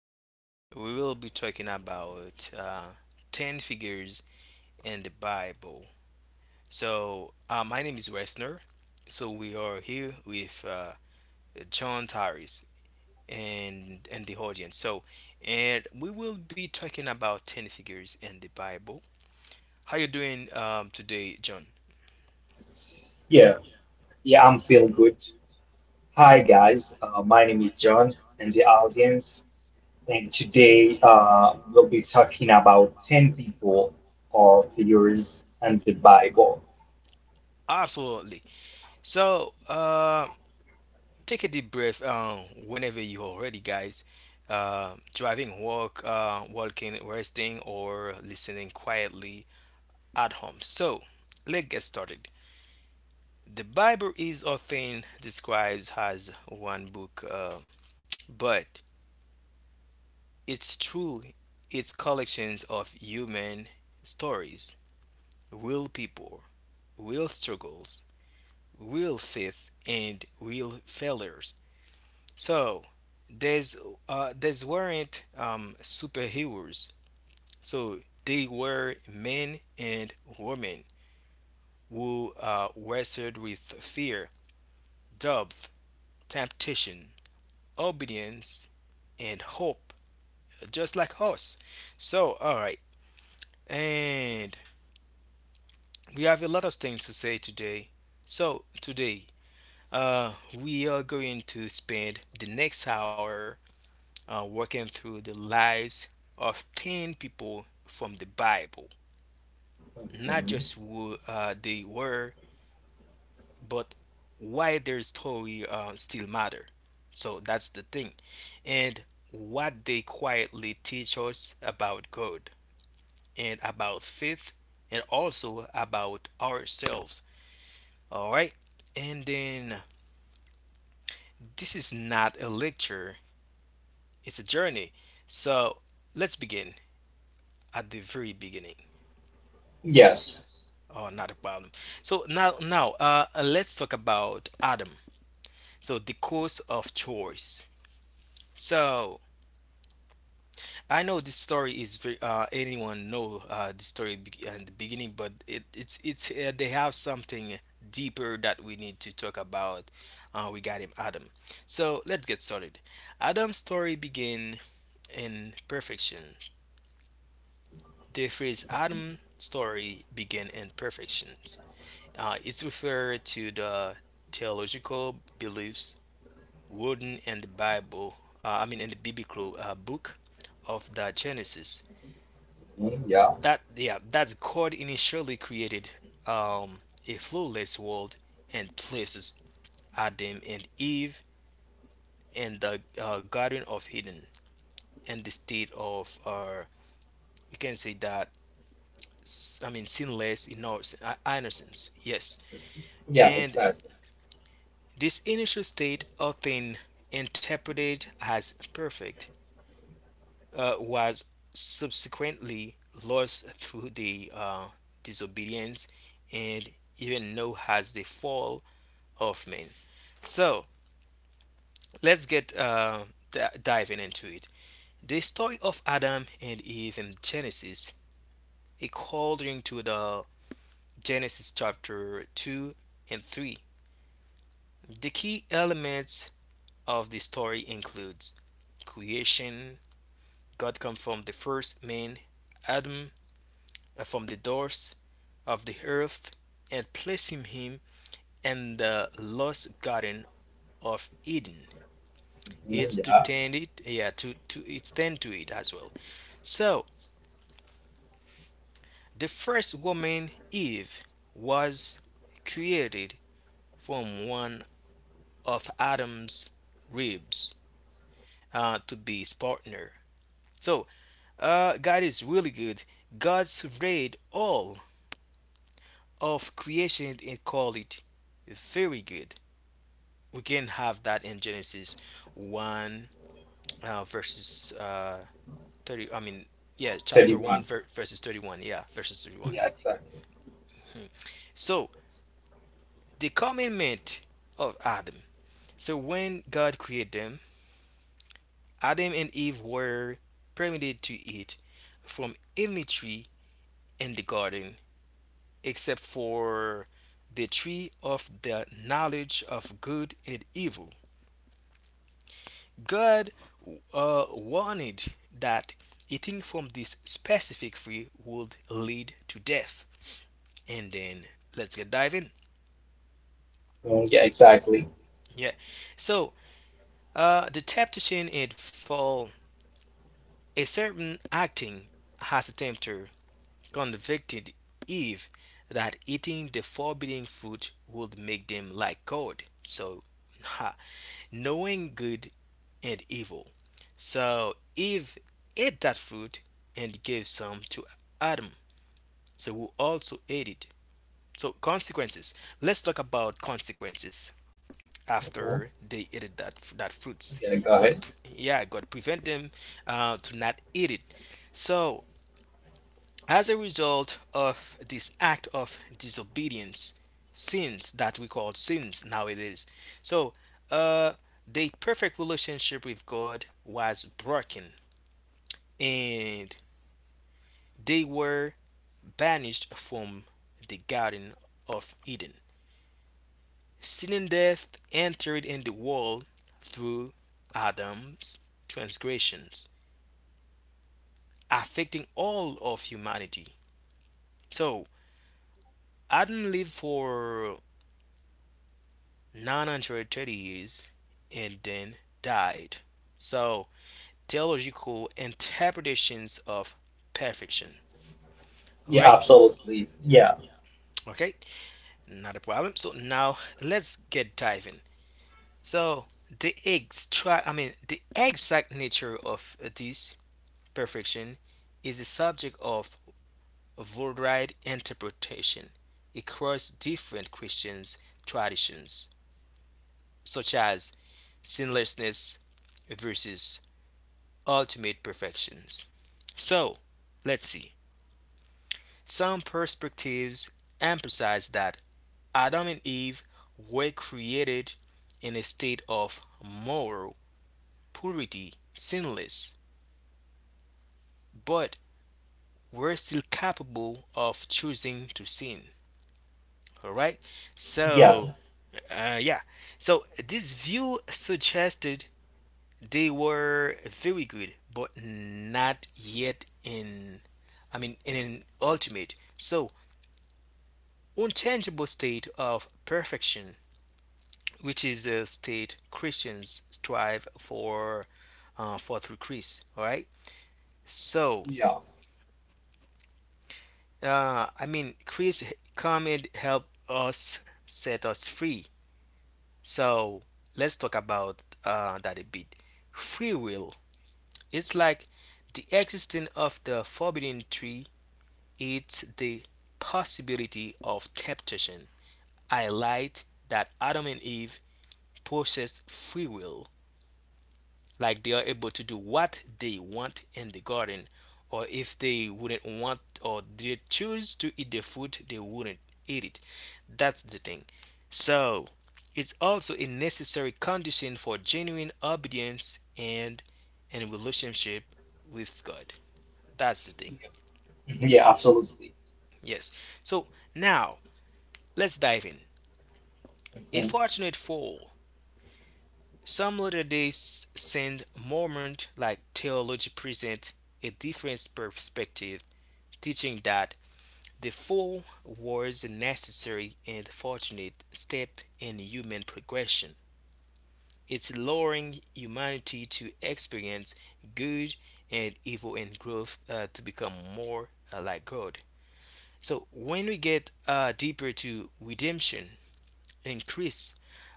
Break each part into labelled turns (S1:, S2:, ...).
S1: Today we will be talking about 10 figures in the Bible. So, my name is Westner. So, we are here with John Harris and the audience. So, and we will be talking about 10 figures in the Bible. How you doing today, John?
S2: Yeah, yeah, I'm feeling good. Hi guys, my name is John and the audience, and today we'll be talking about 10 people or figures in the Bible.
S1: Absolutely. So, take a deep breath whenever you are ready, guys. Walking, resting, or listening quietly at home. So, let's get started. The Bible is often described as one book, but it's true. It's collections of human stories, real people, real struggles, real faith, and real failures. So these these weren't superheroes. So they were men and women who wrestled with fear, doubt, temptation, obedience, and hope, just like us. So all right, and we have a lot of things to say today. So today, we are going to spend the next hour working through the lives of 10 people from the Bible, not
S2: Mhm.
S1: just who they were, but why their story still matter. So that's the thing. And what they quietly teach us about God and about faith and also about ourselves. All right. And then this is not a lecture, it's a journey. So let's begin at the very beginning.
S2: Yes.
S1: Oh, not a problem. So now, let's talk about Adam. So the course of choice. So I know this story is very, anyone know in the beginning, but it, it's they have something deeper that we need to talk about regarding Adam. So let's get started. Adam's story began in perfection. The phrase Adam story began in perfection. It's referred to the theological beliefs written in the Bible, I mean in the biblical book of the Genesis.
S2: Mhm, yeah,
S1: That yeah, that's God initially created um, a flawless world and places Adam and Eve in the Garden of Eden and the state of we can say that I mean sinless innocence. Yes,
S2: yeah,
S1: and
S2: exactly.
S1: this initial state, often interpreted as perfect, was subsequently lost through the disobedience and even known has the fall of man. So let's get diving into it. The story of Adam and Eve in Genesis, according to the Genesis chapter 2 and 3. The key elements of the story includes creation, God came from the first man, Adam, from the dust of the earth, and placing him in the lost garden of Eden.
S2: Mhm.
S1: It's to
S2: Yeah,
S1: tend it, yeah, to it's tend to it as well. So the first woman, Eve, was created from one of Adam's ribs to be his partner. So God is really good. God surveyed all of creation and call it very good. We can have that in Genesis 1 verses 30. I mean, yeah, chapter 1
S2: 31.
S1: verses 31. Yeah, verses 31.
S2: Yeah, exactly.
S1: So, the commandment of Adam. So, when God created them, Adam and Eve were permitted to eat from any tree in the garden except for the tree of the knowledge of good and evil. God warned that eating from this specific tree would lead to death. And then let's get diving.
S2: Mhm. Yeah, exactly.
S1: Yeah. So the temptation it fall a certain acting has the tempter convicted Eve that eating the forbidden fruit would make them like God. So ha, knowing good and evil. So Eve ate that fruit and gave some to Adam, so we also added. So consequences. Let's talk about consequences
S2: Mhm.
S1: after they ate that fruits.
S2: Yeah, go
S1: God,
S2: ahead.
S1: yeah, God prevent them to not eat it. So as a result of this act of disobedience, sins that we call sins nowadays. So uh, the perfect relationship with God was broken, and they were banished from the Garden of Eden. Sin and death entered in the world through Adam's transgressions, affecting all of humanity. So, Adam lived for 930 years and then died. So, theological interpretations of perfection. All
S2: Yeah,
S1: right?
S2: absolutely. Yeah,
S1: Okay, not a problem. So now let's get diving. So I mean, the exact nature of this perfection is the subject of varied interpretation across different Christian traditions, such as sinlessness versus ultimate perfections. So, let's see. Some perspectives emphasize that Adam and Eve were created in a state of moral purity, sinless, but were still capable of choosing to sin. All right.
S2: yeah,
S1: So, yeah. So this view suggested they were very good, but not yet in. I mean, in an ultimate, so unchangeable state of perfection, which is a state Christians strive for through Christ. All right. So,
S2: yeah.
S1: I mean, Christ's comment helped us set us free. So let's talk about that a bit. Free will. It's like the existence of the forbidden tree. It's the possibility of temptation. I lied that Adam and Eve possessed free will, like they are able to do what they want in the garden, or if they wouldn't want, or they choose to eat the food they wouldn't eat it. That's the thing. So it's also a necessary condition for genuine obedience and relationship with god. That's the thing.
S2: Mhm, yeah, absolutely.
S1: Yes, so now let's dive in. A
S2: Mhm.
S1: fortunate fall. Some latter day saint mormon like theology present a different perspective, teaching that the fall was a necessary and fortunate step in human progression. It's allowing humanity to experience good and evil and growth to become more like God. So when we get deeper to redemption in Christ,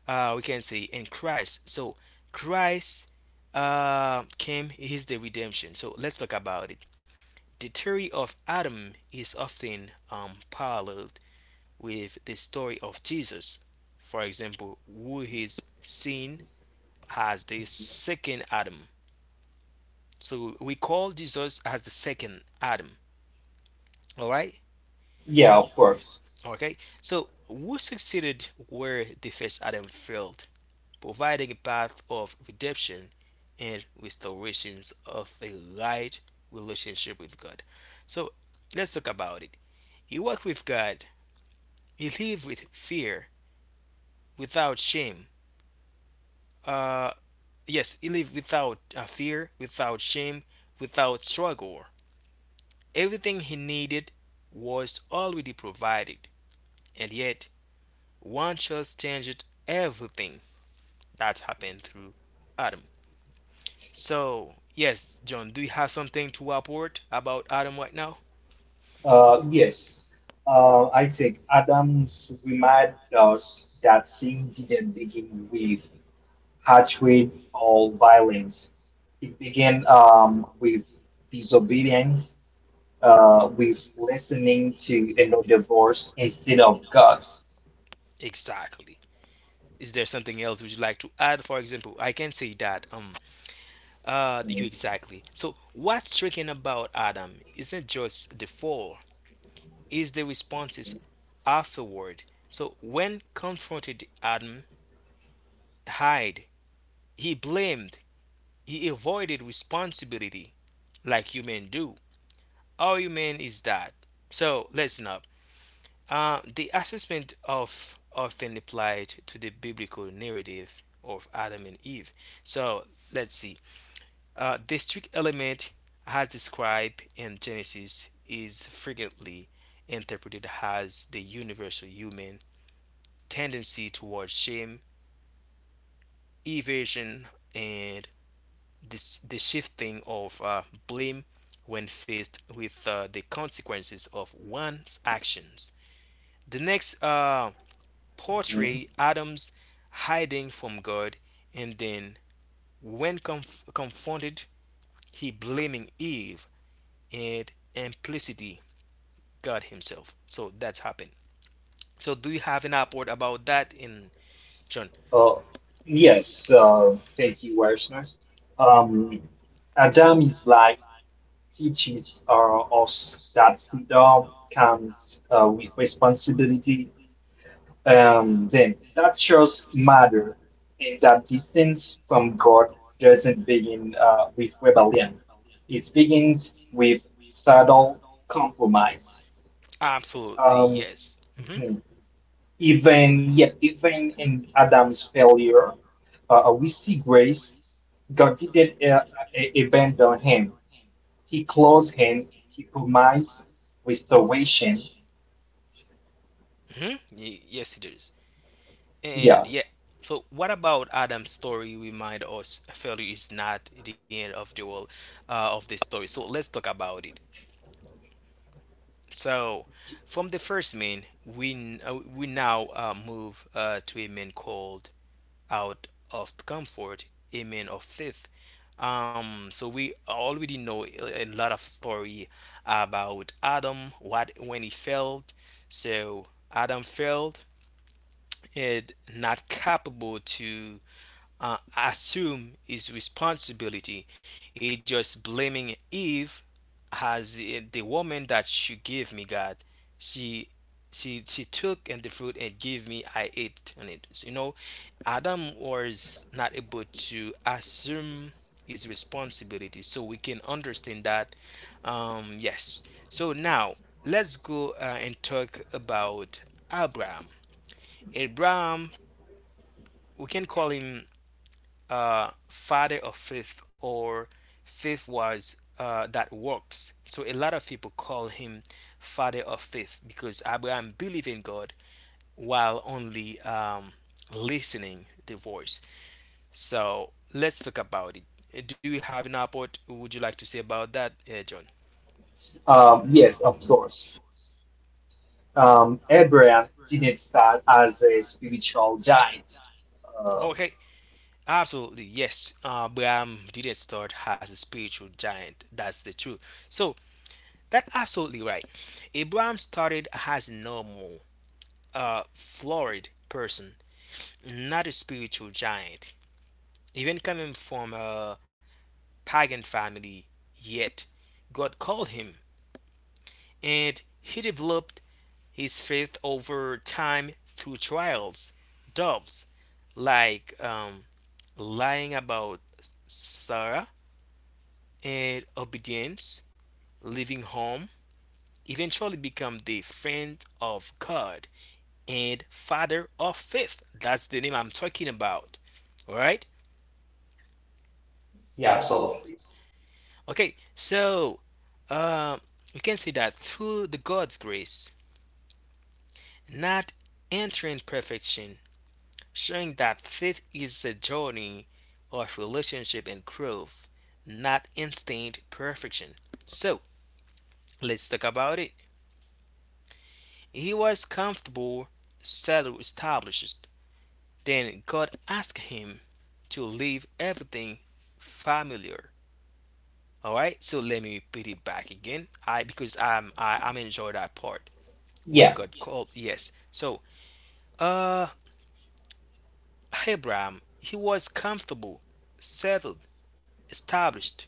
S1: we can say in Christ. So Christ came is the redemption. So let's talk about it. The theory of Adam is often paralleled with the story of Jesus, for example, who is seen as the second Adam. So we call Jesus as the second Adam. All right?
S2: Yeah, of course.
S1: Okay? So who succeeded where the first Adam failed, providing a path of redemption and restorations of a right relationship with God. So let's talk about it. He walked with God. He lived with fear, without shame, uh, yes, he lived without fear, without shame, without struggle. Everything he needed was already provided, and yet one chose changed everything that happened through Adam. So, yes, John, do you have something to report about Adam right now?
S2: Yes. I think Adams reminds us that sin didn't begin with hatred or violence. It began with disobedience, with listening to another voice instead of God's.
S1: Exactly. Is there something else would you like to add? For example, I can say that you
S2: Mhm.
S1: exactly. So what's striking about Adam isn't just the fall, is the responses afterward. So when confronted, Adam hid. He blamed. He avoided responsibility like human do. All human is that. So listen up. The assessment of often applied to the biblical narrative of Adam and Eve. So let's see. The strict element as described in Genesis is frequently interpreted as the universal human tendency towards shame, evasion, and this, the shifting of blame when faced with the consequences of one's actions. The next
S2: Mhm.
S1: portray Adam's hiding from God and then when confronted he blaming Eve and implicitly God himself. So that's happened. So do you have an upward about that in John?
S2: Uh, yes. Thank you, Wersner. Um, Adam's life teaches us that freedom comes with responsibility. Then that shows matter, and that distance from God doesn't begin with rebellion. It begins with subtle compromise.
S1: Absolutely
S2: Um,
S1: yes. Hmm.
S2: mhm. Even yet, even in Adam's failure, we see grace. God didn't abandon him. He closed him, he provides restoration.
S1: Hmm, yes it is. And
S2: Yeah.
S1: yeah, so what about Adam's story remind us failure is not the end of the world of the story. So let's talk about it. So from the first man, we now move to a man called out of comfort, a man of faith. So we already know a lot of story about Adam, what when he failed. So Adam failed and not capable to assume his responsibility. He just blaming Eve as the woman that you gave me, God. She she took and the fruit and gave me. I ate on it. So, you know, Adam was not able to assume his responsibility. So we can understand that. Yes. So now let's go and talk about Abraham. Abraham, we can call him father of faith or faith was that works. So a lot of people call him father of faith because Abraham believed in God while only listening the voice. So let's talk about it. Do you have an report? Would you like to say about that, John?
S2: Yes, of course. Abraham didn't start as a spiritual giant. Uh,
S1: Okay, absolutely yes. Abraham didn't start as a spiritual giant. That's the truth. So that's absolutely right. Abraham started as a normal a florid person, not a spiritual giant, even coming from a pagan family. Yet, God called him, and he developed his faith over time through trials, doubts, like lying about Sarah and obedience, leaving home, eventually become the friend of God and father of faith. That's the name I'm talking about. All right?
S2: yeah, absolutely.
S1: Okay, so uh, we can see that through the God's grace, not entering perfection, showing that faith is a journey of relationship and growth, not instant perfection. So let's talk about it. He was comfortable, settled, established. Then God asked him to leave everything familiar. All right, so let me repeat it back again. I because I'm I, I'm enjoy that part. When
S2: Yeah.
S1: God called. Yes. So, uh, Abraham, he was comfortable, settled, established,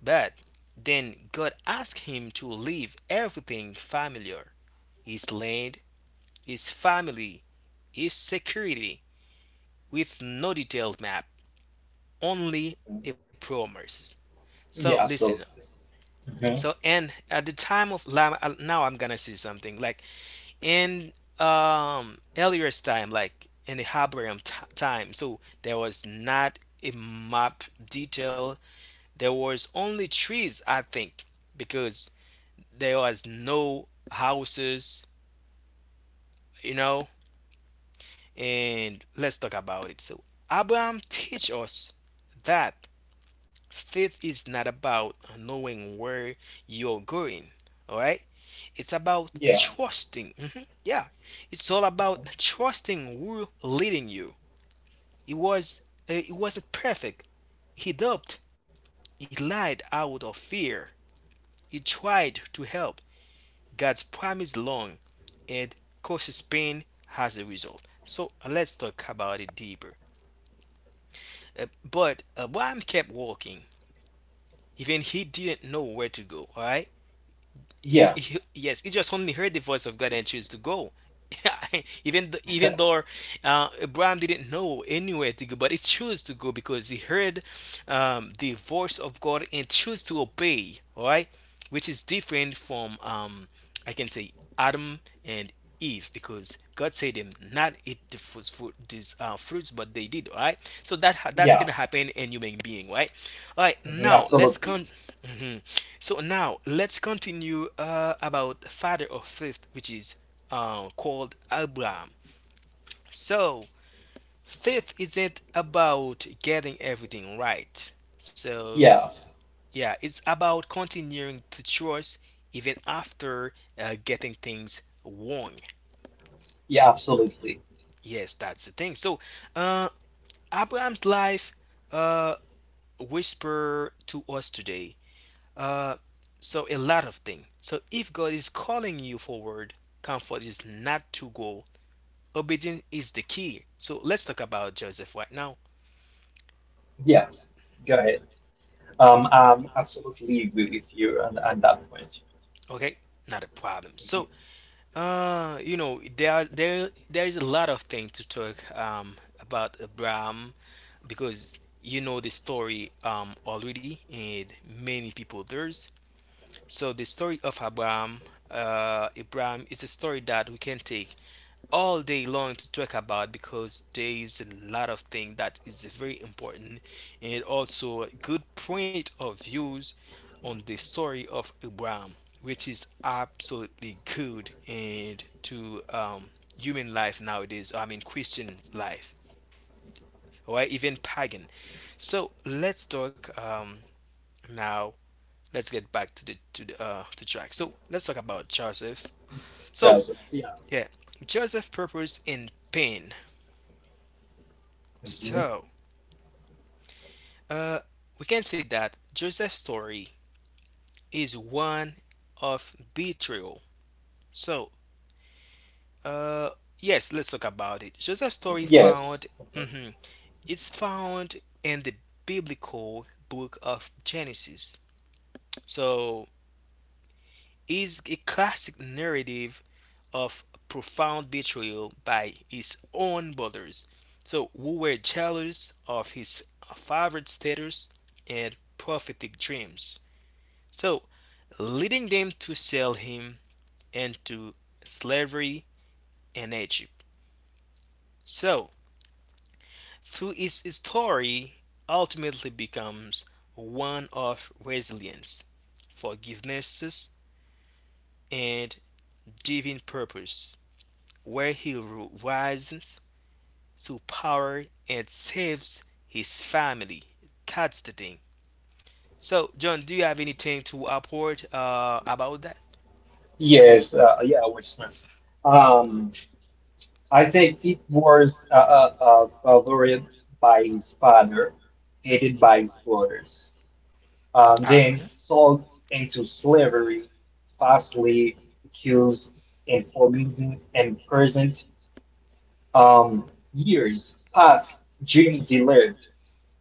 S1: but then God asked him to leave everything familiar, his land, his family, his security, with no detailed map, only
S2: Mhm.
S1: a promise. So,
S2: Yeah,
S1: listen.
S2: absolutely. Mhm.
S1: So, and at the time of now, I'm gonna say something like in earliest time, like in the Habarium time, so there was not a map detail, there was only trees, I think, because there was no houses, you know. And let's talk about it. So abraham teach us that faith is not about knowing where you're going, all right, it's about
S2: Yeah,
S1: trusting. Mhm, yeah, it's all about trusting who leading you. He was he wasn't perfect. He doped. He lied out of fear. He tried to help. God's promise long and causes pain as a result. So let's talk about it deeper. But Abraham kept walking, even he didn't know where to go. All right. he,
S2: yeah,
S1: he yes, he just only heard the voice of god and chose to go. Even though abraham didn't know anywhere to go, but he chose to go because he heard the voice of god and chose to obey, all right. Which is different from I can say adam and eve, because god said them not eat the fruits, fruits, but they did, all right. So that's
S2: yeah.
S1: gonna happen in human being, right? All right,
S2: Mhm.
S1: now let's
S2: Absolutely.
S1: come. Mm-hmm. So now let's continue about father of faith, which is called Abraham. So faith isn't about getting everything right. So
S2: Yeah,
S1: yeah, it's about continuing to trust even after getting things wrong.
S2: yeah, absolutely.
S1: Yes, that's the thing. So uh, Abraham's life uh, whisper to us today. Uh, so a lot of things. So if God is calling you forward, comfort is not to go. Obedience is the key. So let's talk about Joseph right now.
S2: Yeah, go ahead. I absolutely agree with you on that point.
S1: Okay, not a problem. So
S2: Mhm.
S1: you know there are, there is a lot of things to talk about Abraham, because you know the story already, and many people does. So the story of Abraham. Abraham is a story that we can take all day long to talk about, because there is a lot of things that is very important, and also a good point of views on the story of Abraham, which is absolutely good and to human life nowadays. I mean Christian life, or even pagan. So let's talk now. Let's get back to the to the to track. So let's talk about Joseph. So
S2: Joseph. Yeah.
S1: yeah, Joseph purpose in pain.
S2: Mhm.
S1: So Uh, we can say that Joseph's story is one of betrayal. So, uh, yes, let's talk about it. Joseph's story
S2: Yes.
S1: found, mhm, it's found in the biblical book of Genesis. So, is a classic narrative of profound betrayal by his own brothers. So, who were jealous of his favored status and prophetic dreams. So, leading them to sell him into slavery in Egypt. So, through his story, ultimately becomes one of resilience, forgiveness, and divine purpose, where he rises to power and saves his family. That's the thing. So, John, do you have anything to report about that?
S2: Yes, yeah, Watchmen. Um, I think it was a favorite by his father, hated by his brothers.
S1: Ah,
S2: Then sold into slavery, falsely accused and forbidden and present. Um, Years pass, dream delayed,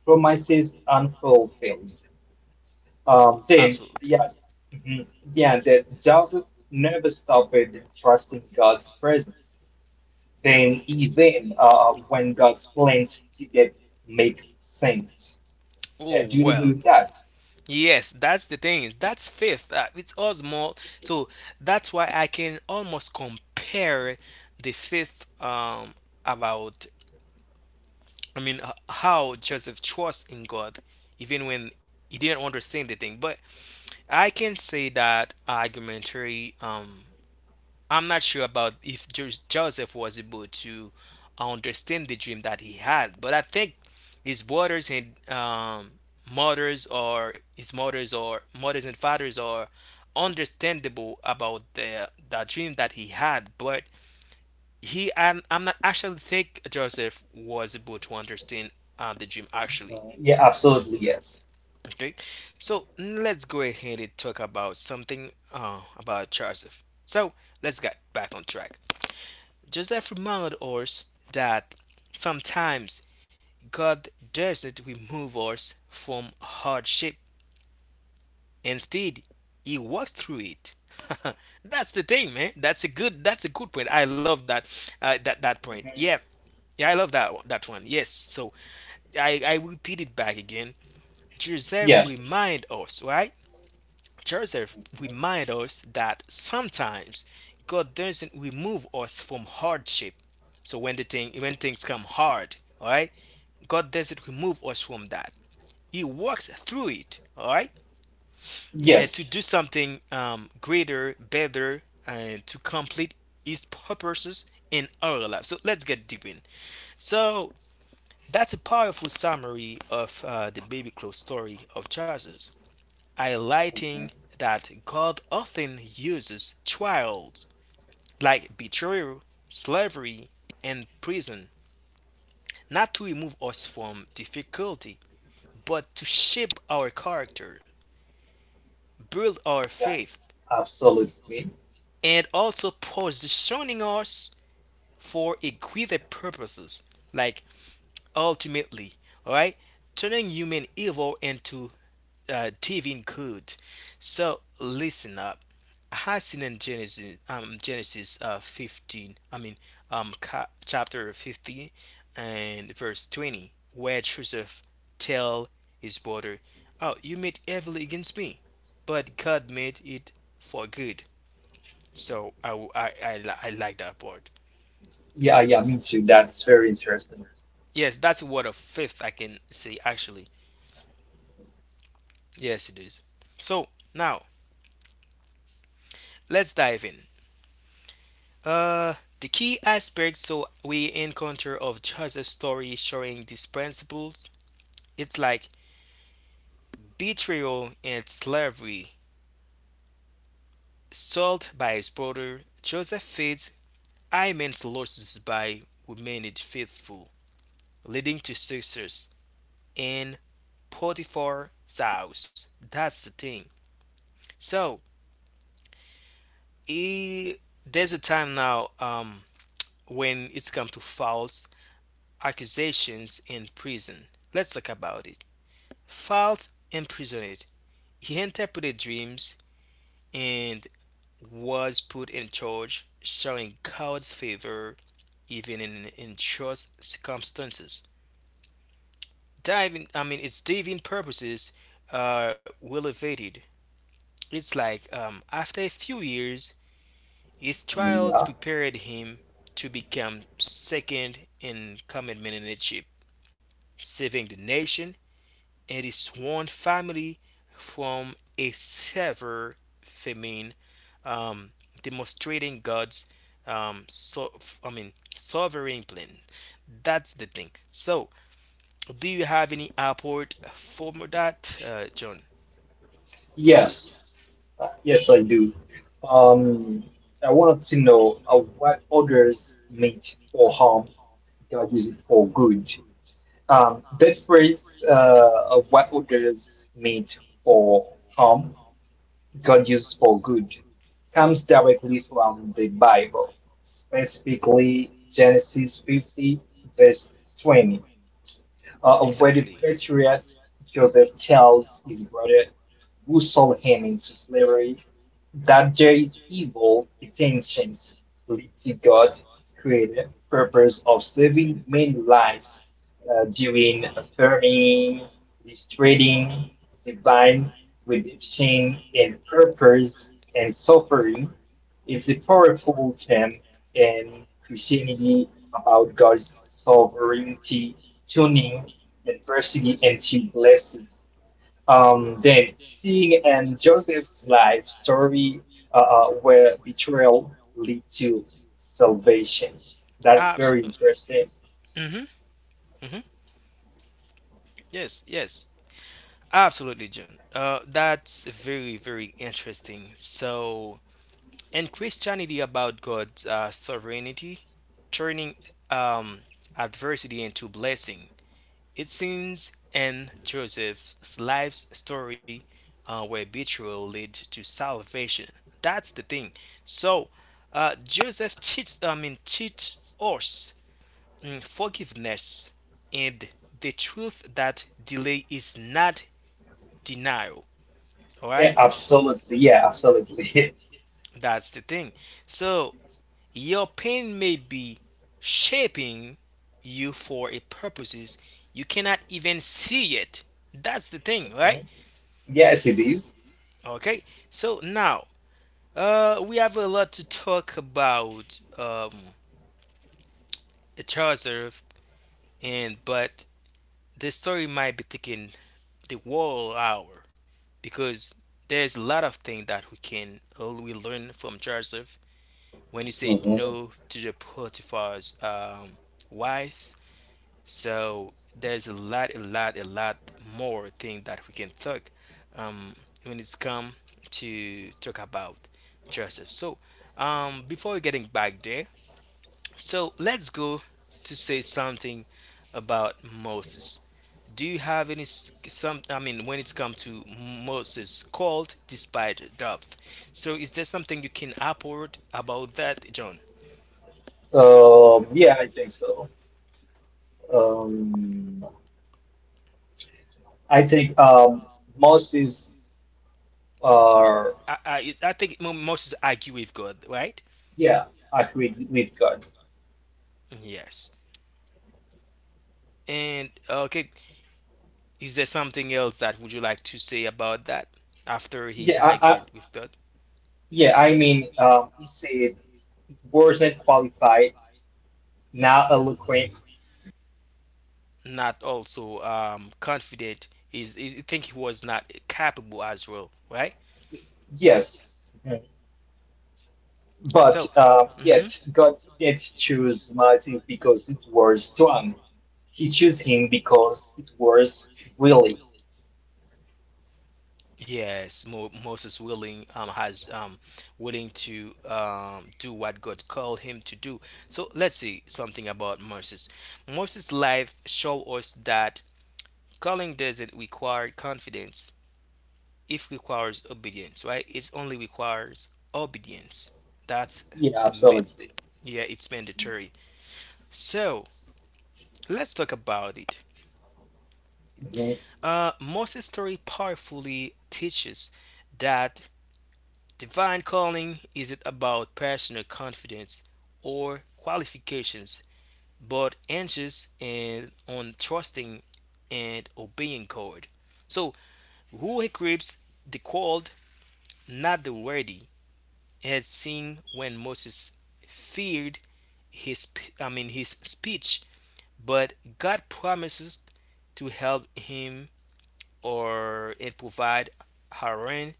S2: promises unfulfilled.
S1: absolutely.
S2: Yeah. Mhm. Yeah, that Joseph never stopped trusting God's presence. Then, even when God's plans didn't make sense.
S1: Oh
S2: Do you agree
S1: well.
S2: with that?
S1: Yes, that's the thing. That's fifth. It's all small. So that's why I can almost compare the fifth about, I mean, how Joseph trusts in God even when he didn't understand the thing. But I can say that argumentary, I'm not sure about if Joseph was able to understand the dream that he had, but I think his brothers, and mothers, or his mothers, or mothers and fathers, are understandable about the dream that he had. But he, I'm not actually think Joseph was able to understand the dream actually.
S2: Mhm. Yeah, absolutely, yes.
S1: Okay, so let's go ahead and talk about something about Joseph. So let's get back on track. Joseph reminded us that sometimes God doesn't remove us from hardship. Instead, he works through it. That's the thing, man. That's a good, that's a good point. I love that, that point. Yeah.
S2: Mhm.
S1: Yeah, I love that one. Yes. So I repeat it back again. Joseph
S2: Yes.
S1: remind us, right? Joseph
S2: Mhm.
S1: reminds us that sometimes God doesn't remove us from hardship. So when things come hard, all right, God doesn't remove us from that. He works through it, all right, and
S2: Yes.
S1: to do something greater, better, and to complete His purposes in our life. So let's get deep in. So that's a powerful summary of the baby clothes story of Joseph,
S2: Mhm.
S1: highlighting that God often uses trials like betrayal, slavery, and prison, not to remove us from difficulty, but to shape our character, build our
S2: Yeah,
S1: faith,
S2: absolutely.
S1: and also positioning us for a greater purposes, like ultimately, all right, turning human evil into divine code. So listen up. I had seen in Genesis, Genesis 15, I mean, chapter 15 and verse 20, where Joseph tell his brother, oh, you made evil against me, but God made it for good. So I, w- I li- I like that part.
S2: Yeah, yeah, me too. That's very interesting.
S1: Yes, that's a word of faith, I can say actually. Yes, it is. So now let's dive in. Uh, the key aspects so we encounter of Joseph's story showing these principles, it's like betrayal and slavery. Sold by his brother, Joseph feeds immense losses by remaining faithful, leading to success in Potiphar's house. That's the thing. So he, there's a time now when it's come to false accusations in prison. Let's talk about it. Felt imprisoned. He interpreted dreams and was put in charge, showing God's favor even in trust circumstances. Diving, I mean, its diving purposes are elevated. It's like after a few years, his trials
S2: Yeah.
S1: prepared him to become second in command in leadership, saving the nation and his sworn family from a severe famine, um, demonstrating God's um, so I mean sovereign plan. That's the thing. So, do you have any output for that, John?
S2: Yes. Yes, I do. Um, I wanted to know what others meant for harm, God use it for good. That phrase of what others meant for harm, God used for good, comes directly from the Bible, specifically Genesis 50, verse 20. A very
S1: Exactly.
S2: patriot, Joseph tells his brother, who sold him into slavery, that there is evil intentions lead to God created purpose of saving many lives during famine, trading, divine redemption, and purpose and suffering is a powerful term in Christianity about God's sovereignty tuning adversity into blessing. Then seeing and Joseph's life story where betrayal lead to salvation. That's very
S1: Absolutely.
S2: interesting.
S1: Mm-hmm. Mm-hmm. Yes. Yes. Absolutely, John. That's very, very interesting. So, in Christianity, about God's sovereignty, turning um, adversity into blessing. It seems in Joseph's life's story where betrayal led to salvation. That's the thing. So Joseph teach, I mean, teach us, mm, forgiveness and the truth that delay is not denial. All
S2: Yeah,
S1: right,
S2: absolutely. Yeah, absolutely.
S1: that's the thing. So your pain may be shaping you for a purposes you cannot even see it. That's the thing,
S2: Mhm.
S1: right?
S2: Yes, it is.
S1: Okay, so now we have a lot to talk about Charles Earth, and but the story might be taking the whole hour, because there's a lot of things that we can we learn from Joseph, when he said
S2: hmm.
S1: no to the Potiphar's wives. So there's a lot, a lot, a lot more thing that we can talk um, when it's come to talk about Joseph. So before we getting back there, so let's go to say something about Moses. Do you have any some? I mean, when it's come to Moses called despite depth, so is there something you can upward about that, John?
S2: Yeah, I think so. Um, I think Moses are
S1: I think Moses argue with God, right?
S2: yeah, agree with God.
S1: Yes. And okay, is there something else that would you like to say about that after he
S2: Yeah, I
S1: argued with that?
S2: yeah, I mean, he said. Wasn't qualified, now eloquent.
S1: Not also confident, is he think he was not capable as well, right?
S2: Yes, mm-hmm. but
S1: So,
S2: uh,
S1: hmm,
S2: yet God didn't choose Martin because it was strong. He chose him because it was willing.
S1: yes, Moses willing, has, willing to, do what God called him to do. So let's see something about Moses. Moses' life show us that calling doesn't require confidence. It requires obedience, right? It only requires obedience. That's
S2: Yeah,
S1: the ma-
S2: absolutely.
S1: yeah, it's mandatory. So let's talk about it.
S2: Mhm,
S1: Moses' story powerfully teaches that divine calling isn't about personal confidence or qualifications, but anxious and on trusting and obeying God. So, who equips the called, not the worthy, had seen when Moses feared his I mean his speech, but God promises to help him, or and provide Aaron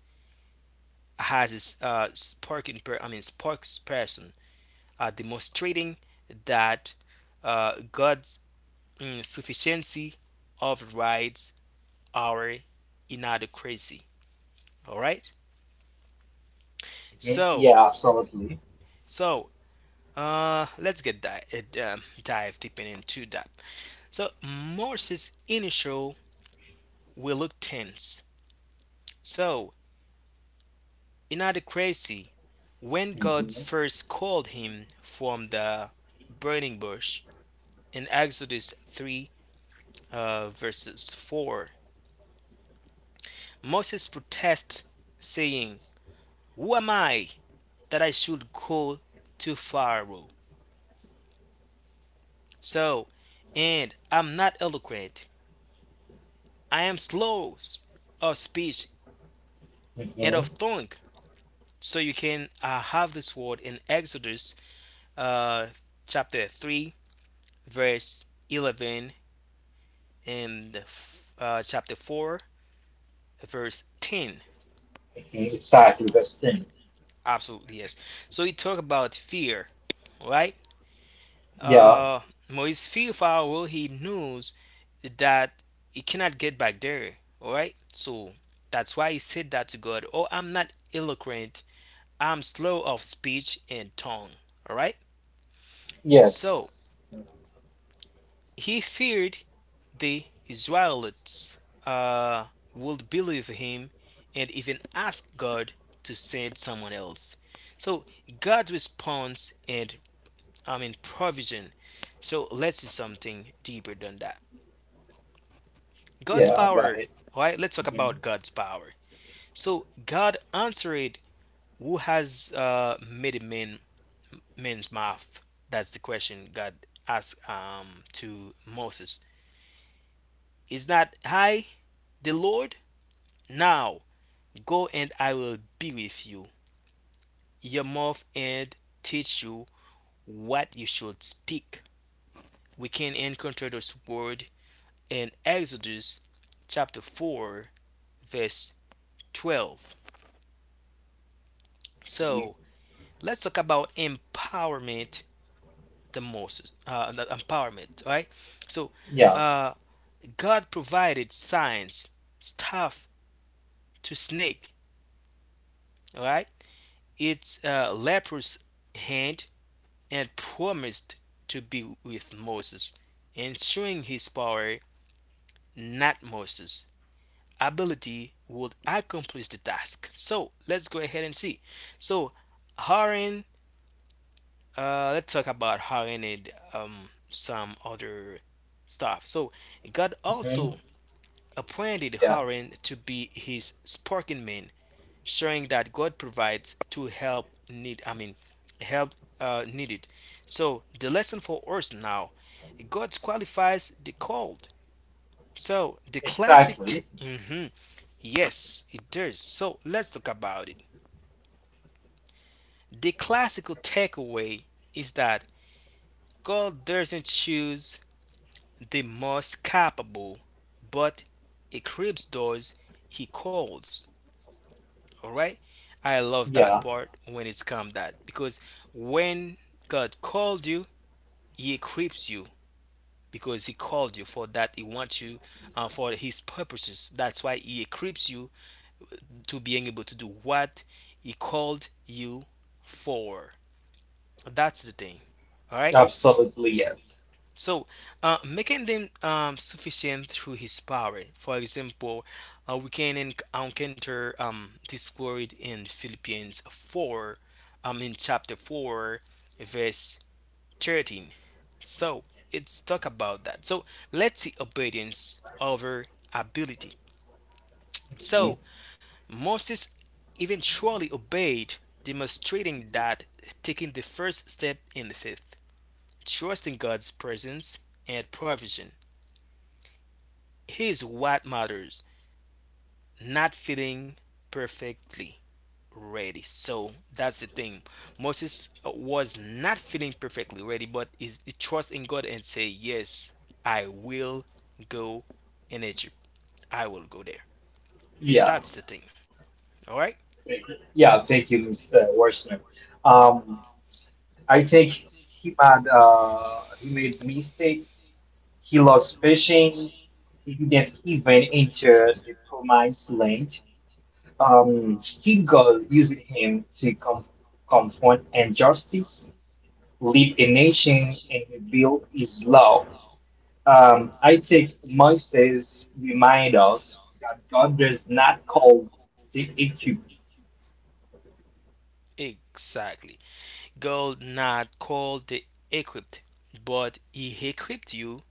S1: has his sparking per, I mean sparks person, demonstrating that God's, mm, sufficiency overrides our inadequacy. All right.
S2: mhm.
S1: So
S2: Yeah, absolutely.
S1: so let's dive deep into that. So Moses' initial reluctance. So inadequacy when God
S2: Hmm
S1: first called him from the burning bush in Exodus three verses four. Moses protests, saying, "Who am I that I should go to Pharaoh?" So, and I'm not eloquent. I am slow of speech and
S2: hmm.
S1: of tongue. So you can have this word in Exodus uh, chapter 3, verse 11, and chapter 4, verse 10.
S2: Exactly the same.
S1: Absolutely, yes. So he talk about fear, right?
S2: Yeah.
S1: Uh, Moise fearful, well, he knows that he cannot get back there, all right? So that's why he said that to God, "Oh, I'm not eloquent, I'm slow of speech and tongue," all right?
S2: Yes.
S1: So he feared the Israelites uh, would believe him and even ask God to send someone else. So God's response and I mean provision. So let's do something deeper than that. God's
S2: Yeah, I got
S1: power,
S2: it.
S1: all right? Let's talk
S2: Mhm,
S1: about God's power. So God answered, "Who has made man's mouth?" That's the question God asked to Moses. Is not I the Lord? Now go and I will be with you, your mouth, and teach you what you should speak. We can encounter this word in Exodus chapter 4, verse 12.
S2: mhm.
S1: So let's talk about empowerment the most. The empowerment, right? So
S2: Yeah.
S1: uh, God provided signs, staff to snake, right? Its leprous hand, and promised to be with Moses, ensuring his power, not Moses' ability, would accomplish the task. So let's go ahead and see. So Aaron, let's talk about Aaron and some other stuff. So God
S2: hmm.
S1: also appointed
S2: Yeah.
S1: Aaron to be his spokesman, showing that God provides to help needed. So the lesson for us now, God qualifies the called. So the
S2: Exactly.
S1: Mhm. Yes, it does. So let's talk about it. The classical takeaway is that God doesn't choose the most capable, but he creeps those he calls. All right. I love that
S2: Yeah.
S1: part when it's come that because when God called you, He equips you because He called you for that. He wants you for His purposes. That's why He equips you to being able to do what He called you for. That's the thing. All right.
S2: Absolutely. Yes.
S1: So, making them sufficient through his power. For example, encounter this word in Philippians 4, in chapter 4, verse 13. So, it's talk about that. So, let's see obedience over ability.
S2: Mm-hmm.
S1: So, Moses eventually obeyed, demonstrating that taking the first step in the faith, trusting God's presence and provision is what matters, not feeling perfectly ready. So that's the thing. Moses was not feeling perfectly ready, but is he trust in God and say, "Yes, I will go in Egypt. I will go there."
S2: Yeah,
S1: That's the thing. All right?
S2: yeah. Thank you, Mr. Washington. Um, I think he made mistakes. He lost fishing. He didn't even enter the promised land. Still, God used him to confront injustice, lead a nation, and reveal His law. I think Moses remind us that God does not call the equipped.
S1: Exactly. God not called the equipped, but he equipped you.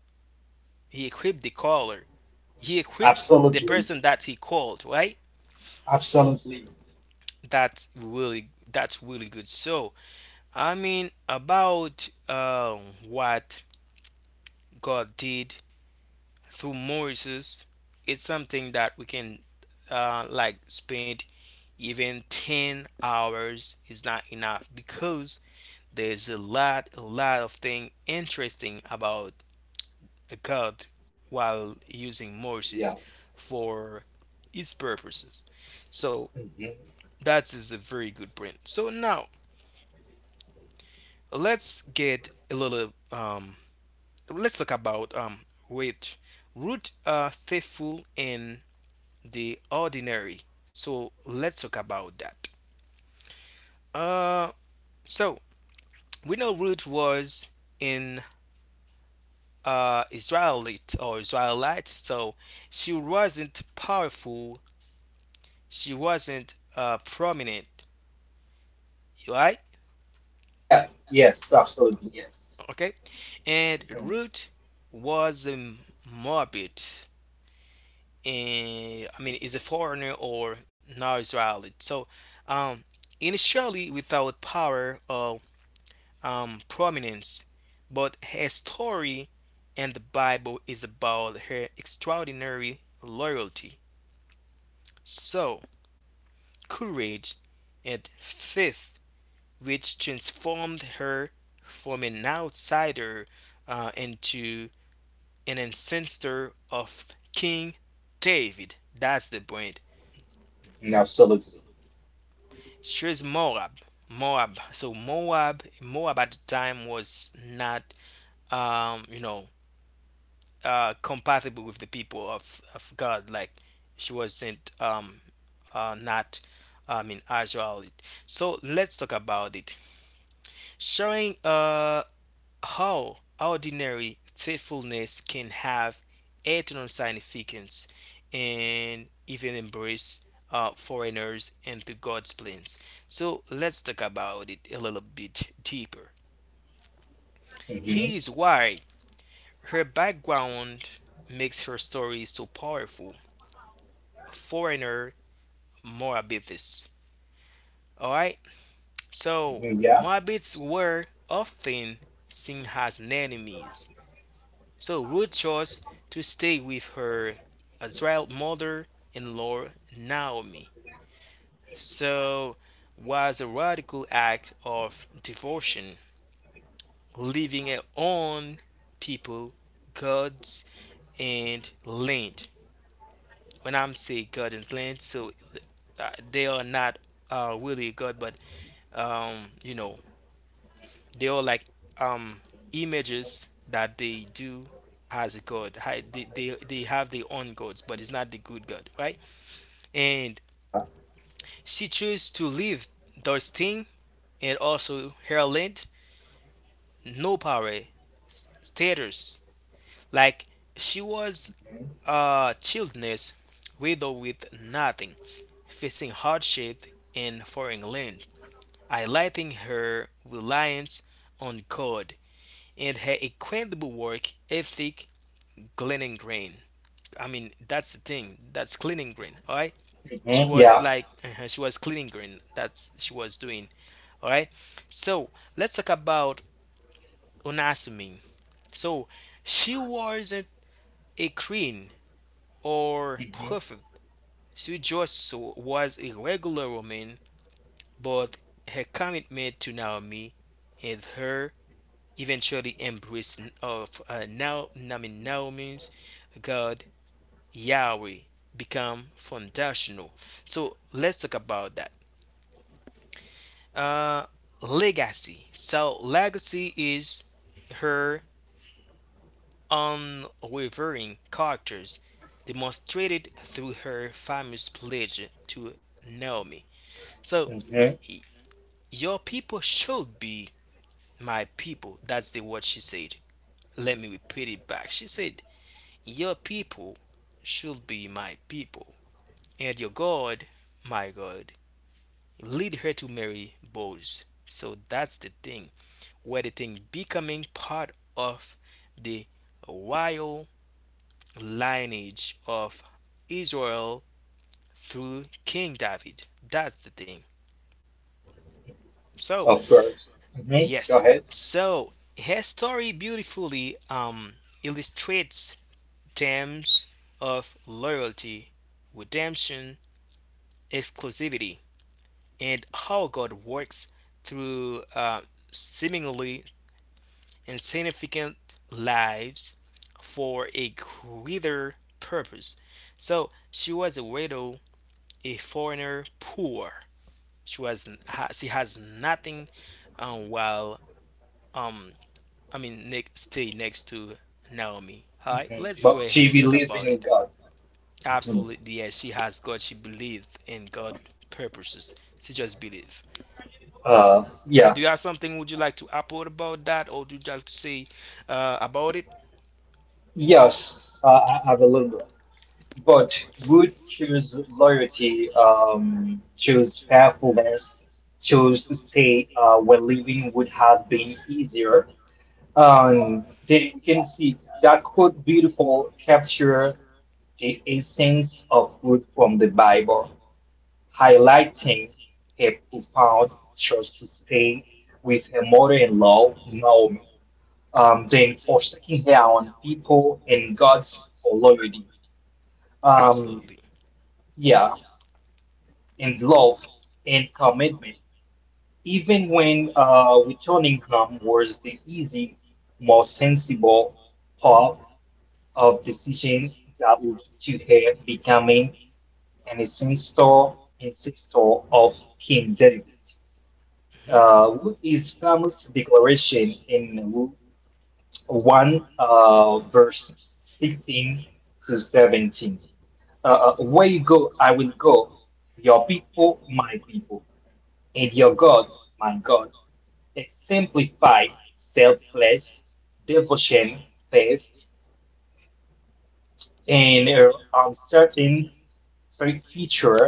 S1: He equipped the caller. He equips the
S2: Absolutely.
S1: person that he called, right?
S2: Absolutely.
S1: That's really good. So I mean, about what God did through Moses, it's something that we can like spend even 10 hours is not enough because there's a lot of thing interesting about God while using Moses
S2: Yeah.
S1: for his purposes. So
S2: hmm.
S1: that is a very good print. So now let's get a little let's talk about Ruth. Ruth are faithful in the ordinary. So let's talk about that. Uh, so we know Ruth was in Israelite or Israelite, so she wasn't powerful. She wasn't prominent, right?
S2: Yeah. Yes. Absolutely. Yes.
S1: Okay, and
S2: Mhm.
S1: Ruth was a Moabit, eh, I mean, is a foreigner or non-Israeli. So, um, initially without power or prominence, but her story in the Bible is about her extraordinary loyalty, so courage, and faith, which transformed her from an outsider into an ancestor of King David. That's the point.
S2: Mhm, absolutely.
S1: She's Moab. Moab. So Moab at the time was not, you know, compatible with the people of God. Like she wasn't, not, I mean, as well. So let's talk about it. Showing how ordinary thoughtfulness can have eternal significance and even embrace foreigners and the God's plans. So let's talk about it a little bit deeper.
S2: Hmm
S1: Here is why her background makes her story so powerful. Foreigner Moabithes. Alright, so
S2: hmm. Yeah.
S1: Moabites were often seen as enemies. So Ruth chose to stay with her Israel mother-in-law Naomi. So was a radical act of devotion, leaving her own people, gods, and land. When I'm saying God and land, so they are not really God, but you know, they are like um images that they do as a god. They, they have their own gods, but it's not the good god, right? And she chose to leave those thing and also her land, no power, status, like she was a childless widow with nothing, facing hardship in foreign land, highlighting her reliance on god and her incredible work ethic. Glennon Green. I mean, that's the thing. That's cleaning green. All right. She
S2: hmm.
S1: was
S2: Yeah.
S1: like, she was cleaning green. That's she was doing. All right. So let's talk about Onasumi. So she wasn't a queen or
S2: hmm
S1: prophet. She just was a regular woman, but her commitment to Naomi and her eventually embrace of now I mean Naomi's God Yahweh become foundational. So let's talk about that. Uh, Legacy. So legacy is her unwavering characters demonstrated through her famous pledge to Naomi. So
S2: hmm.
S1: your people should be my people. That's the word she said. Let me repeat it back. She said, "Your people should be my people, and your God, my God." Lead her to marry Boaz. So that's the thing where the thing becoming part of the royal lineage of Israel through King David. That's the thing. So
S2: Of course. hmm. Go
S1: yes,
S2: ahead.
S1: so her story beautifully illustrates themes of loyalty, redemption, exclusivity, and how God works through seemingly and significant lives for a greater purpose. So she was a widow, a foreigner, poor. She was she has nothing, while um I mean ne- stay next to Naomi. All right,
S2: hmm.
S1: let's go
S2: But
S1: ahead
S2: she
S1: and talk
S2: believed
S1: about
S2: in
S1: it.
S2: God. Mhm.
S1: Absolutely, yes, she has God. She believed in God purposes. She just believed.
S2: Yeah.
S1: Do you have something would you like to upload about that, or do you like to say about it?
S2: Yes. I have a little bit. But would choose loyalty, choose faithfulness, choose to stay where living would have been easier. They can see that could beautiful capture the essence of good from the Bible, highlighting a profound choice to stay with her mother-in-law, Naomi, then forsaking her own people and God's loyalty. Um,
S1: Absolutely.
S2: yeah, and love and commitment. Even when returning home was the easy, more sensible path. Of decision that would to her becoming an ancestor, ancestor of King David,
S1: Mhm.
S2: with his famous declaration in Luke 1, verse 16 to 17. Where you go, I will go. Your people, my people, and your God, my God. Exemplified selfless devotion, faith, and uncertain. So it features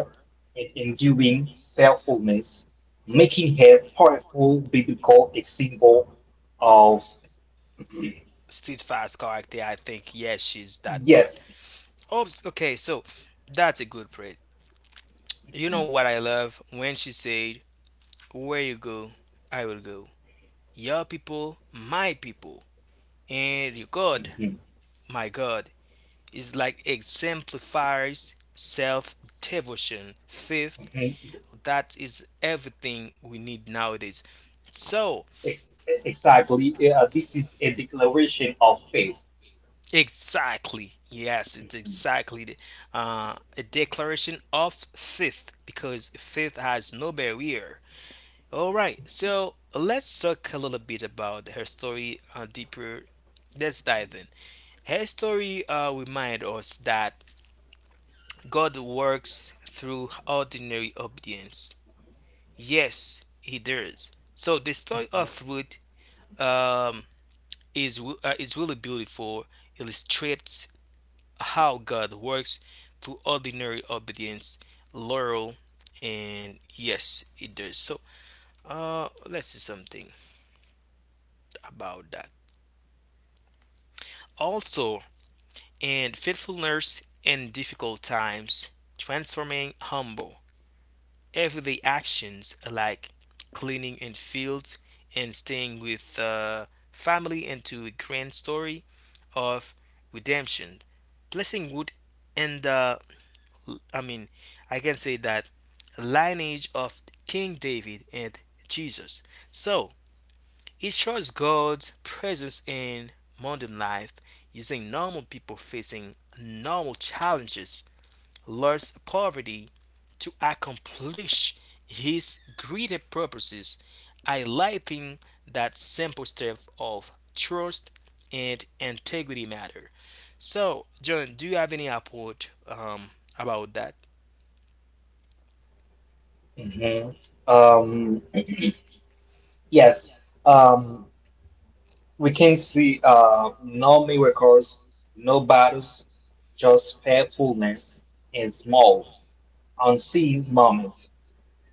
S2: an enduring faithfulness, making her powerful biblical example of
S1: Steadfast character, I think. Yes, she's that part.
S2: yes.
S1: Okay. So that's a good praise. You know
S2: Mhm,
S1: what I love when she said, "Where you go, I will go. Your people, my people, and your
S2: mhm,
S1: God, my God." Is like exemplifies self devotion, faith.
S2: mhm.
S1: That is everything we need nowadays. So
S2: Ex- Exactly. Yeah, this is a declaration of faith.
S1: exactly. Yes, it's
S2: Mhm,
S1: exactly the, a declaration of faith because faith has no barrier. All right, so let's talk a little bit about her story deeper. Let's dive in. Her story reminds us that God works through ordinary obedience. Yes, He does. So the story of
S2: mhm,
S1: Ruth um, is really beautiful. Illustrates how God works through ordinary obedience, loyal, and yes, it does. So, let's see something about that. Also, in faithfulness in difficult times, transforming humble everyday actions like cleaning in fields and staying with family into a grand story of redemption, blessing wood, and the I mean, I can say that lineage of King David and Jesus. So it shows God's presence in modern life using normal people facing normal challenges, loss, poverty, to accomplish his greater purposes, highlighting that simple step of trust and integrity matter. So, John, do you have any report about that?
S2: mhm. Um, yes. Um, we can see no miracles, no battles, just faithfulness in small, unseen moments.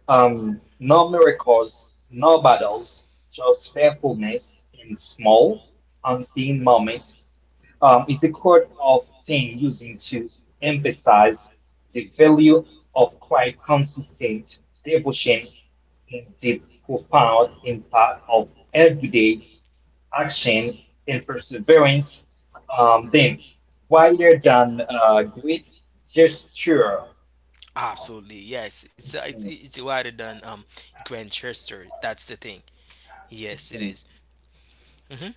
S2: No miracles, no battles, just faithfulness in small, unseen moments. It's a quote of thing using to emphasize the value of quite consistent devotion in the profound impact of everyday action and perseverance. Then, rather than great gesture.
S1: Absolutely, yes. It's uh, it's
S2: Hmm,
S1: it's wider than Grantchester. That's the thing. Yes, it
S2: hmm.
S1: is. Mm-hmm.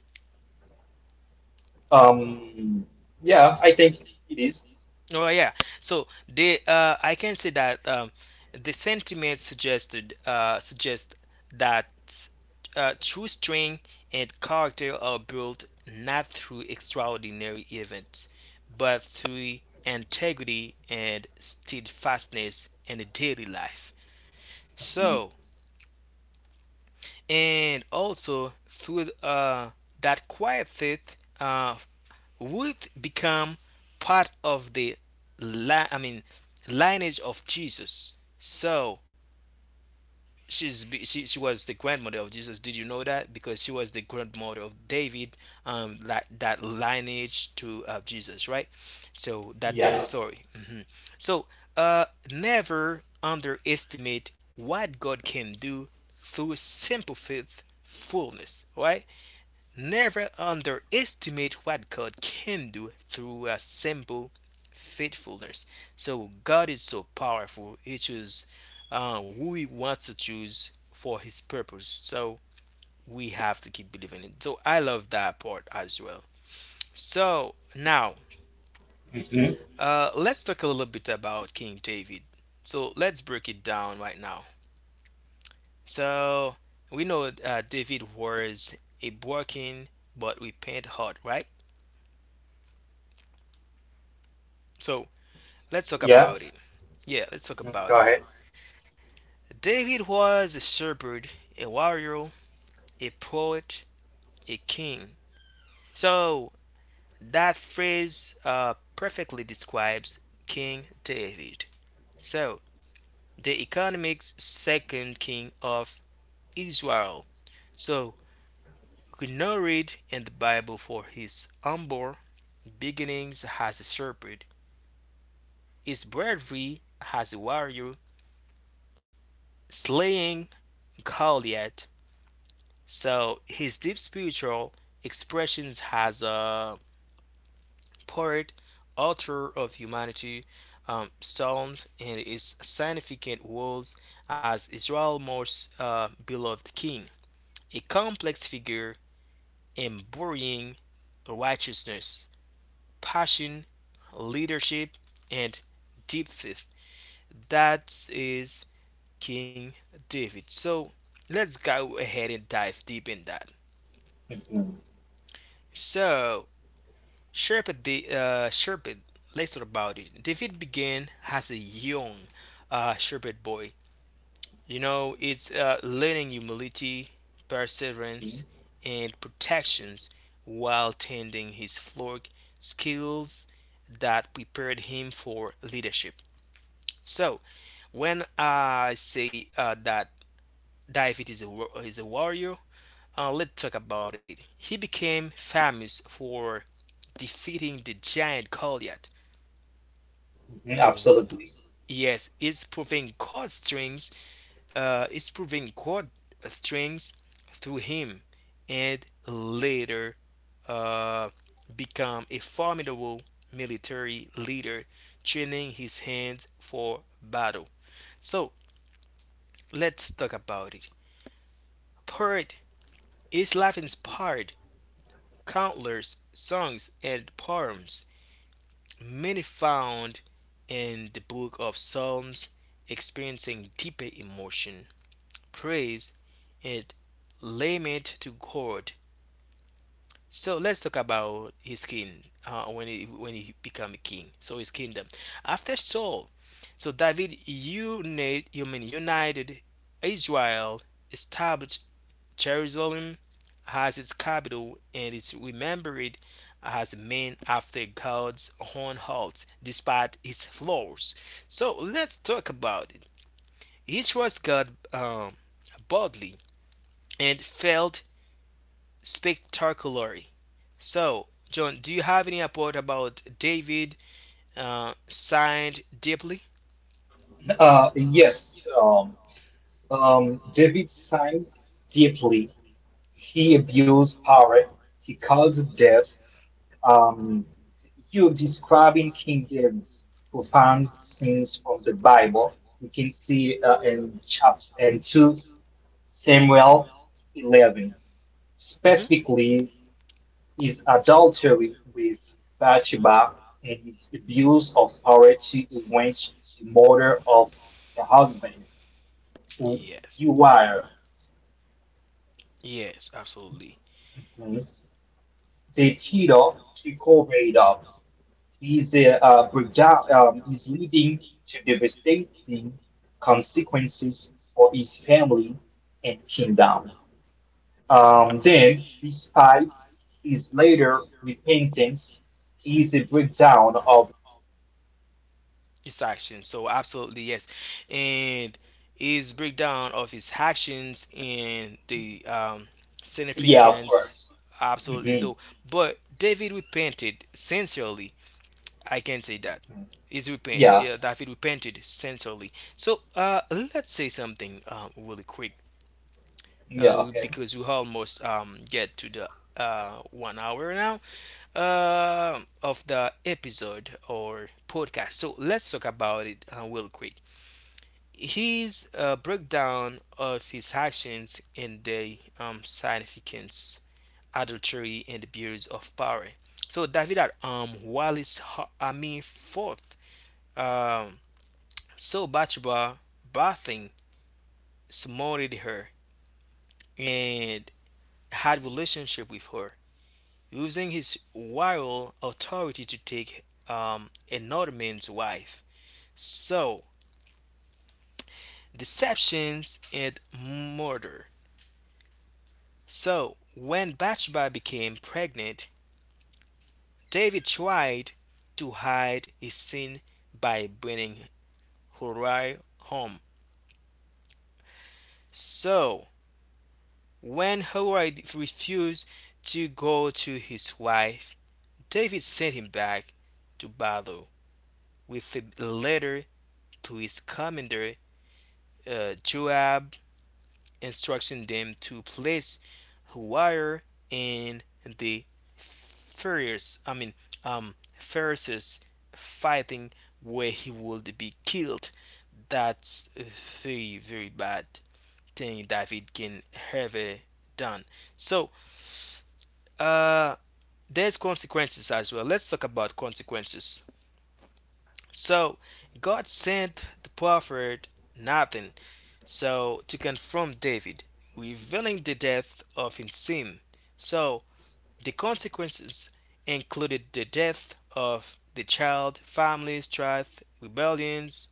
S2: Um, yeah, I think it is.
S1: Oh yeah. So they I can say that the sentiment suggest that true strength and character are built not through extraordinary events, but through integrity and steadfastness in the daily life.
S2: Mhm.
S1: So and also through that quiet faith would become part of the li- I mean lineage of Jesus. So she was the grandmother of Jesus. Did you know that? Because she was the grandmother of David, like that lineage to Jesus, right? So that's the
S2: Yeah.
S1: story. Hmm. So uh never underestimate what God can do through simple faith fullness, right? Never underestimate what God can do through a simple faithfulness. So God is so powerful. He chooses who He wants to choose for His purpose. So we have to keep believing it. So I love that part as well. So now
S2: Mhm.
S1: let's talk a little bit about King David. So let's break it down right now. So we know David was a broken but repent heart, right? So let's talk
S2: Yeah.
S1: about it. Yeah, let's
S2: Mhm.
S1: talk
S2: Go
S1: about
S2: ahead.
S1: it. David was a shepherd, a warrior, a poet, a king. So that phrase perfectly describes King David. So the economic second king of Israel. So we now read in the Bible for his humble beginnings as a shepherd, his bravery as a warrior, slaying Goliath. So his deep spiritual expressions has a poet, author of humanity, psalms, and his significant roles as Israel's most beloved king, a complex figure embodying righteousness, passion, leadership, and deep faith. That is King David. So let's go ahead and dive deep in that.
S2: Mhm.
S1: So Sherpet, the Sherpet, let's talk about it. David began as a young Sherpet boy. You know, it's learning humility,
S2: Mhm.
S1: perseverance, and protections while tending his flock, skills that prepared him for leadership. So, when I say that David is is a warrior, let's talk about it. He became famous for defeating the giant Goliath
S2: Mhm.
S1: prov- p-
S2: Absolutely.
S1: yes, is proving chord strings, is proving chord strings through him, and later uh, become a formidable military leader, training his hands for battle. So let's talk about it. Poet, his life inspired countless songs and poems, many found in the book of Psalms, experiencing deeper emotion praise and lament to God. So let's talk about his king when he became a king. So his kingdom after Saul. So David united, you mean united Israel, established Jerusalem as its capital, and is remembered as a man after God's own heart, despite his flaws. So let's talk about it. He trusts God boldly and failed spectacularly. So, John, do you have any report about David signed deeply?
S2: Yes. David signed deeply. He abused power. He caused death. Um, you describing King David's profound scenes from the Bible. You can see in chapter and 2 Samuel 11
S1: Mhm.
S2: specifically. His adultery with Bathsheba and his abuse of power to avenge the murder of the husband,
S1: Yes,
S2: Uriah.
S1: yes, absolutely.
S2: Mhm. The title to cover it up is a breakdown, is leading to devastating consequences for his family and kingdom. Then, despite his later repentance, he is a breakdown of
S1: His actions, so absolutely yes, and his breakdown of his actions and the
S2: yeah, of
S1: significance,
S2: course.
S1: absolutely.
S2: Mhm.
S1: So, but David repented sincerely I can say that. Is repent,
S2: Yeah,
S1: David repented sincerely. So let's say something really quick
S2: yeah, okay.
S1: because we almost get to the 1 hour now of the episode or podcast. So let's talk about it real quick. His breakdown of his actions and the significance, adultery, and abuse of power. So David had Wallace Ha- Army fourth. Um, So Bathsheba, Bathing smote her and had relationship with her, using his royal authority to take another man's wife. So deceptions and murder. So when Bathsheba became pregnant, David tried to hide his sin by bringing Hurry home. So when Hurry refused to go to his wife, David sent him back to battle with a letter to his commander Joab, instructing them to place Huire in the furious, I mean, fiercest fighting where he would be killed. That's a very, very bad thing David can ever done. So, uh, there's consequences as well. Let's talk about consequences. So God sent the prophet Nathan so to confront David, revealing the depth of his sin. So the consequences included the death of the child, family strife, rebellions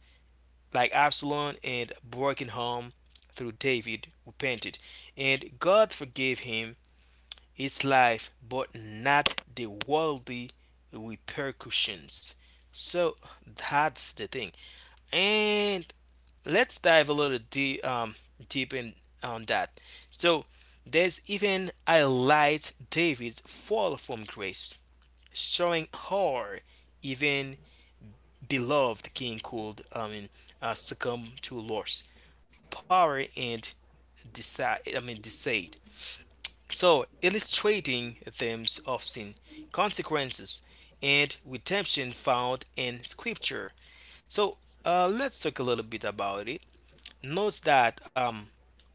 S1: like Absalom and broken home through David repented. And God forgave him his life but not the worldly repercussions. So that's the thing. And let's dive a little deep deep in on that. So there's even highlight David's fall from grace, showing how even beloved king could succumb to loss, power, and decide I mean deceit. So illustrating themes of sin, consequences, and redemption found in Scripture. So let's talk a little bit about it. Note that um,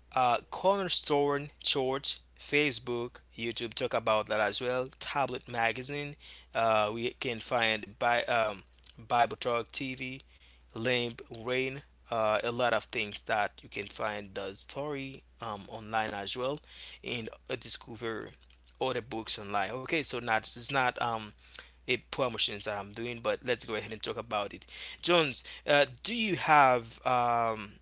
S1: uh, Cornerstone Church, Facebook, YouTube talk about that as well. Tablet Magazine, we can find by Bible Talk TV, Limp Rain, a lot of things that you can find the story online as well, and discover other books online. Okay, so not it's not a promotions that I'm doing, but let's go ahead and talk about it. Jones, do you have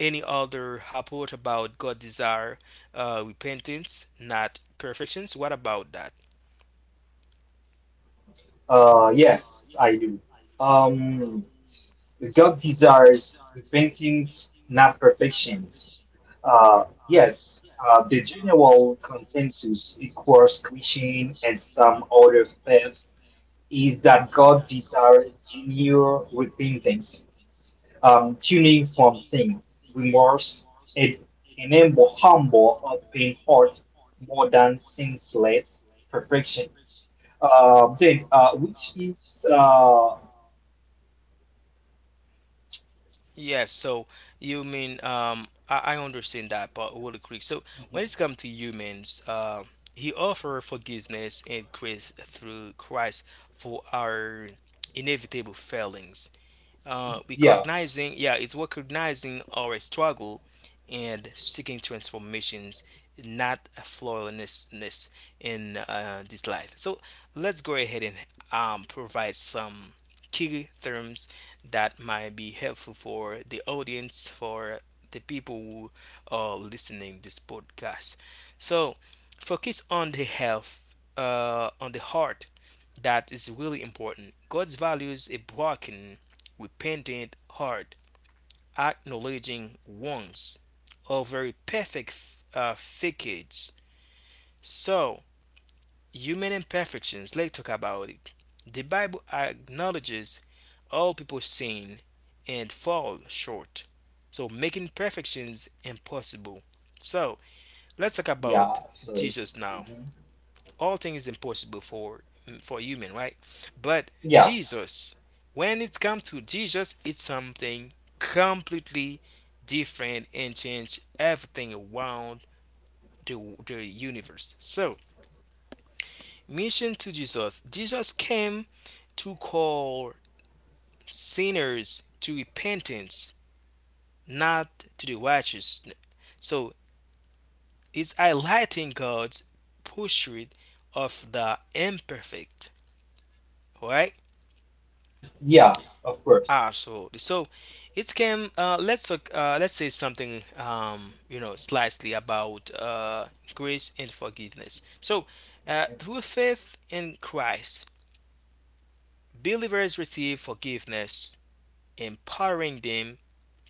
S1: any other report about God desire repentance, not perfections? What about that?
S2: Yes, I do. Um, the God desires repentance, not perfections. Yes, the general consensus across Christian and some other faith is that God desires genuine repentance, tuning from sin, remorse, and enable open heart more than senseless perfection. Jane, which is
S1: Yes, so you mean um, I understand that part really quick. So when it's
S2: Mhm.
S1: come to humans, he offer forgiveness and grace through Christ for our inevitable failings.
S2: Mm. Yeah,
S1: Recognizing yeah it's recognizing our struggle and seeking transformations not a flawlessness in this life so let's go ahead and provide some key terms that might be helpful for the audience for the people who are listening this podcast so focus on the health on the heart that is really important. God values a broken, repentant heart, acknowledging wrongs over a perfect facades. So, human imperfections, let's talk about it. The Bible acknowledges all people sin and fall short, so making perfections impossible. So, let's talk
S2: yeah,
S1: about
S2: absolutely.
S1: Jesus now.
S2: Mhm.
S1: All things is impossible for for human right but
S2: Yeah,
S1: Jesus when it's come to Jesus it's something completely different and change everything around the, the universe so mission to Jesus Jesus came to call sinners to repentance not to the righteous so it's highlighting God's pursuit of the imperfect right.
S2: yeah, of course.
S1: Absolutely. So it's can let's say something slightly about grace and forgiveness. So through faith in Christ, believers receive forgiveness, empowering them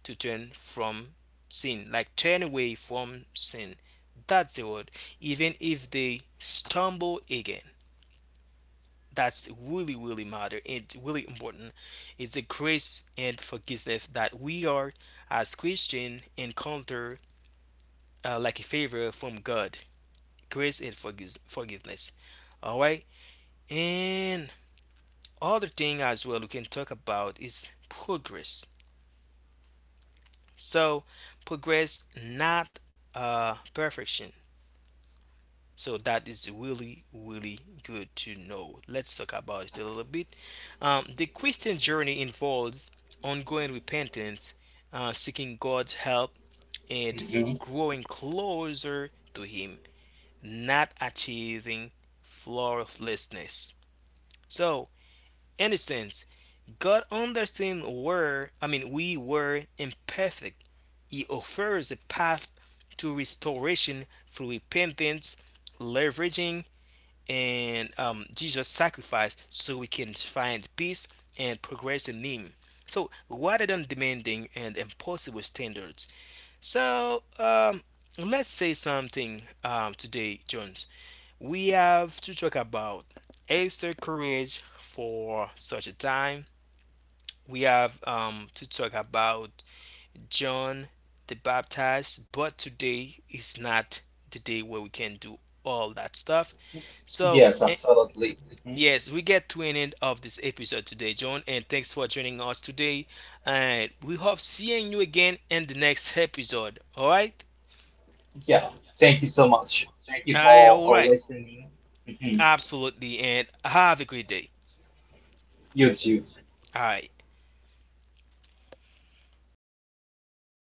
S1: to turn from sin, like turn away from sin. That's the word. Even if they stumble again. That's really really matter and really important. It's a grace and forgiveness that we are as Christian encounter like a favor from God, grace and forgiveness. All right. And other thing as well we can talk about is progress. So progress not perfection. So that is really, really good to know. Let's talk about it a little bit. The Christian journey involves ongoing repentance, seeking God's help, and
S2: Mhm.
S1: growing closer to Him, not achieving flawlessness. So, in a sense, God understands where, I mean, we were imperfect. He offers a path to restoration through repentance, leveraging and Jesus' sacrifice so we can find peace and progress in Him. So rather than demanding and impossible standards. So let's say something today, Jones. We have to talk about extra courage for such a time. We have to talk about John the Baptist, but today is not the day where we can do all that stuff so,
S2: Yes, absolutely. Mhm.
S1: yes, we get to an end of this episode today, John, and thanks for joining us today. And we hope seeing you again in the next episode. All right?
S2: Yeah. Thank you so much. Thank you
S1: And
S2: for
S1: all right,
S2: listening. Mhm.
S1: absolutely. And have a great day.
S2: You too.
S1: All right.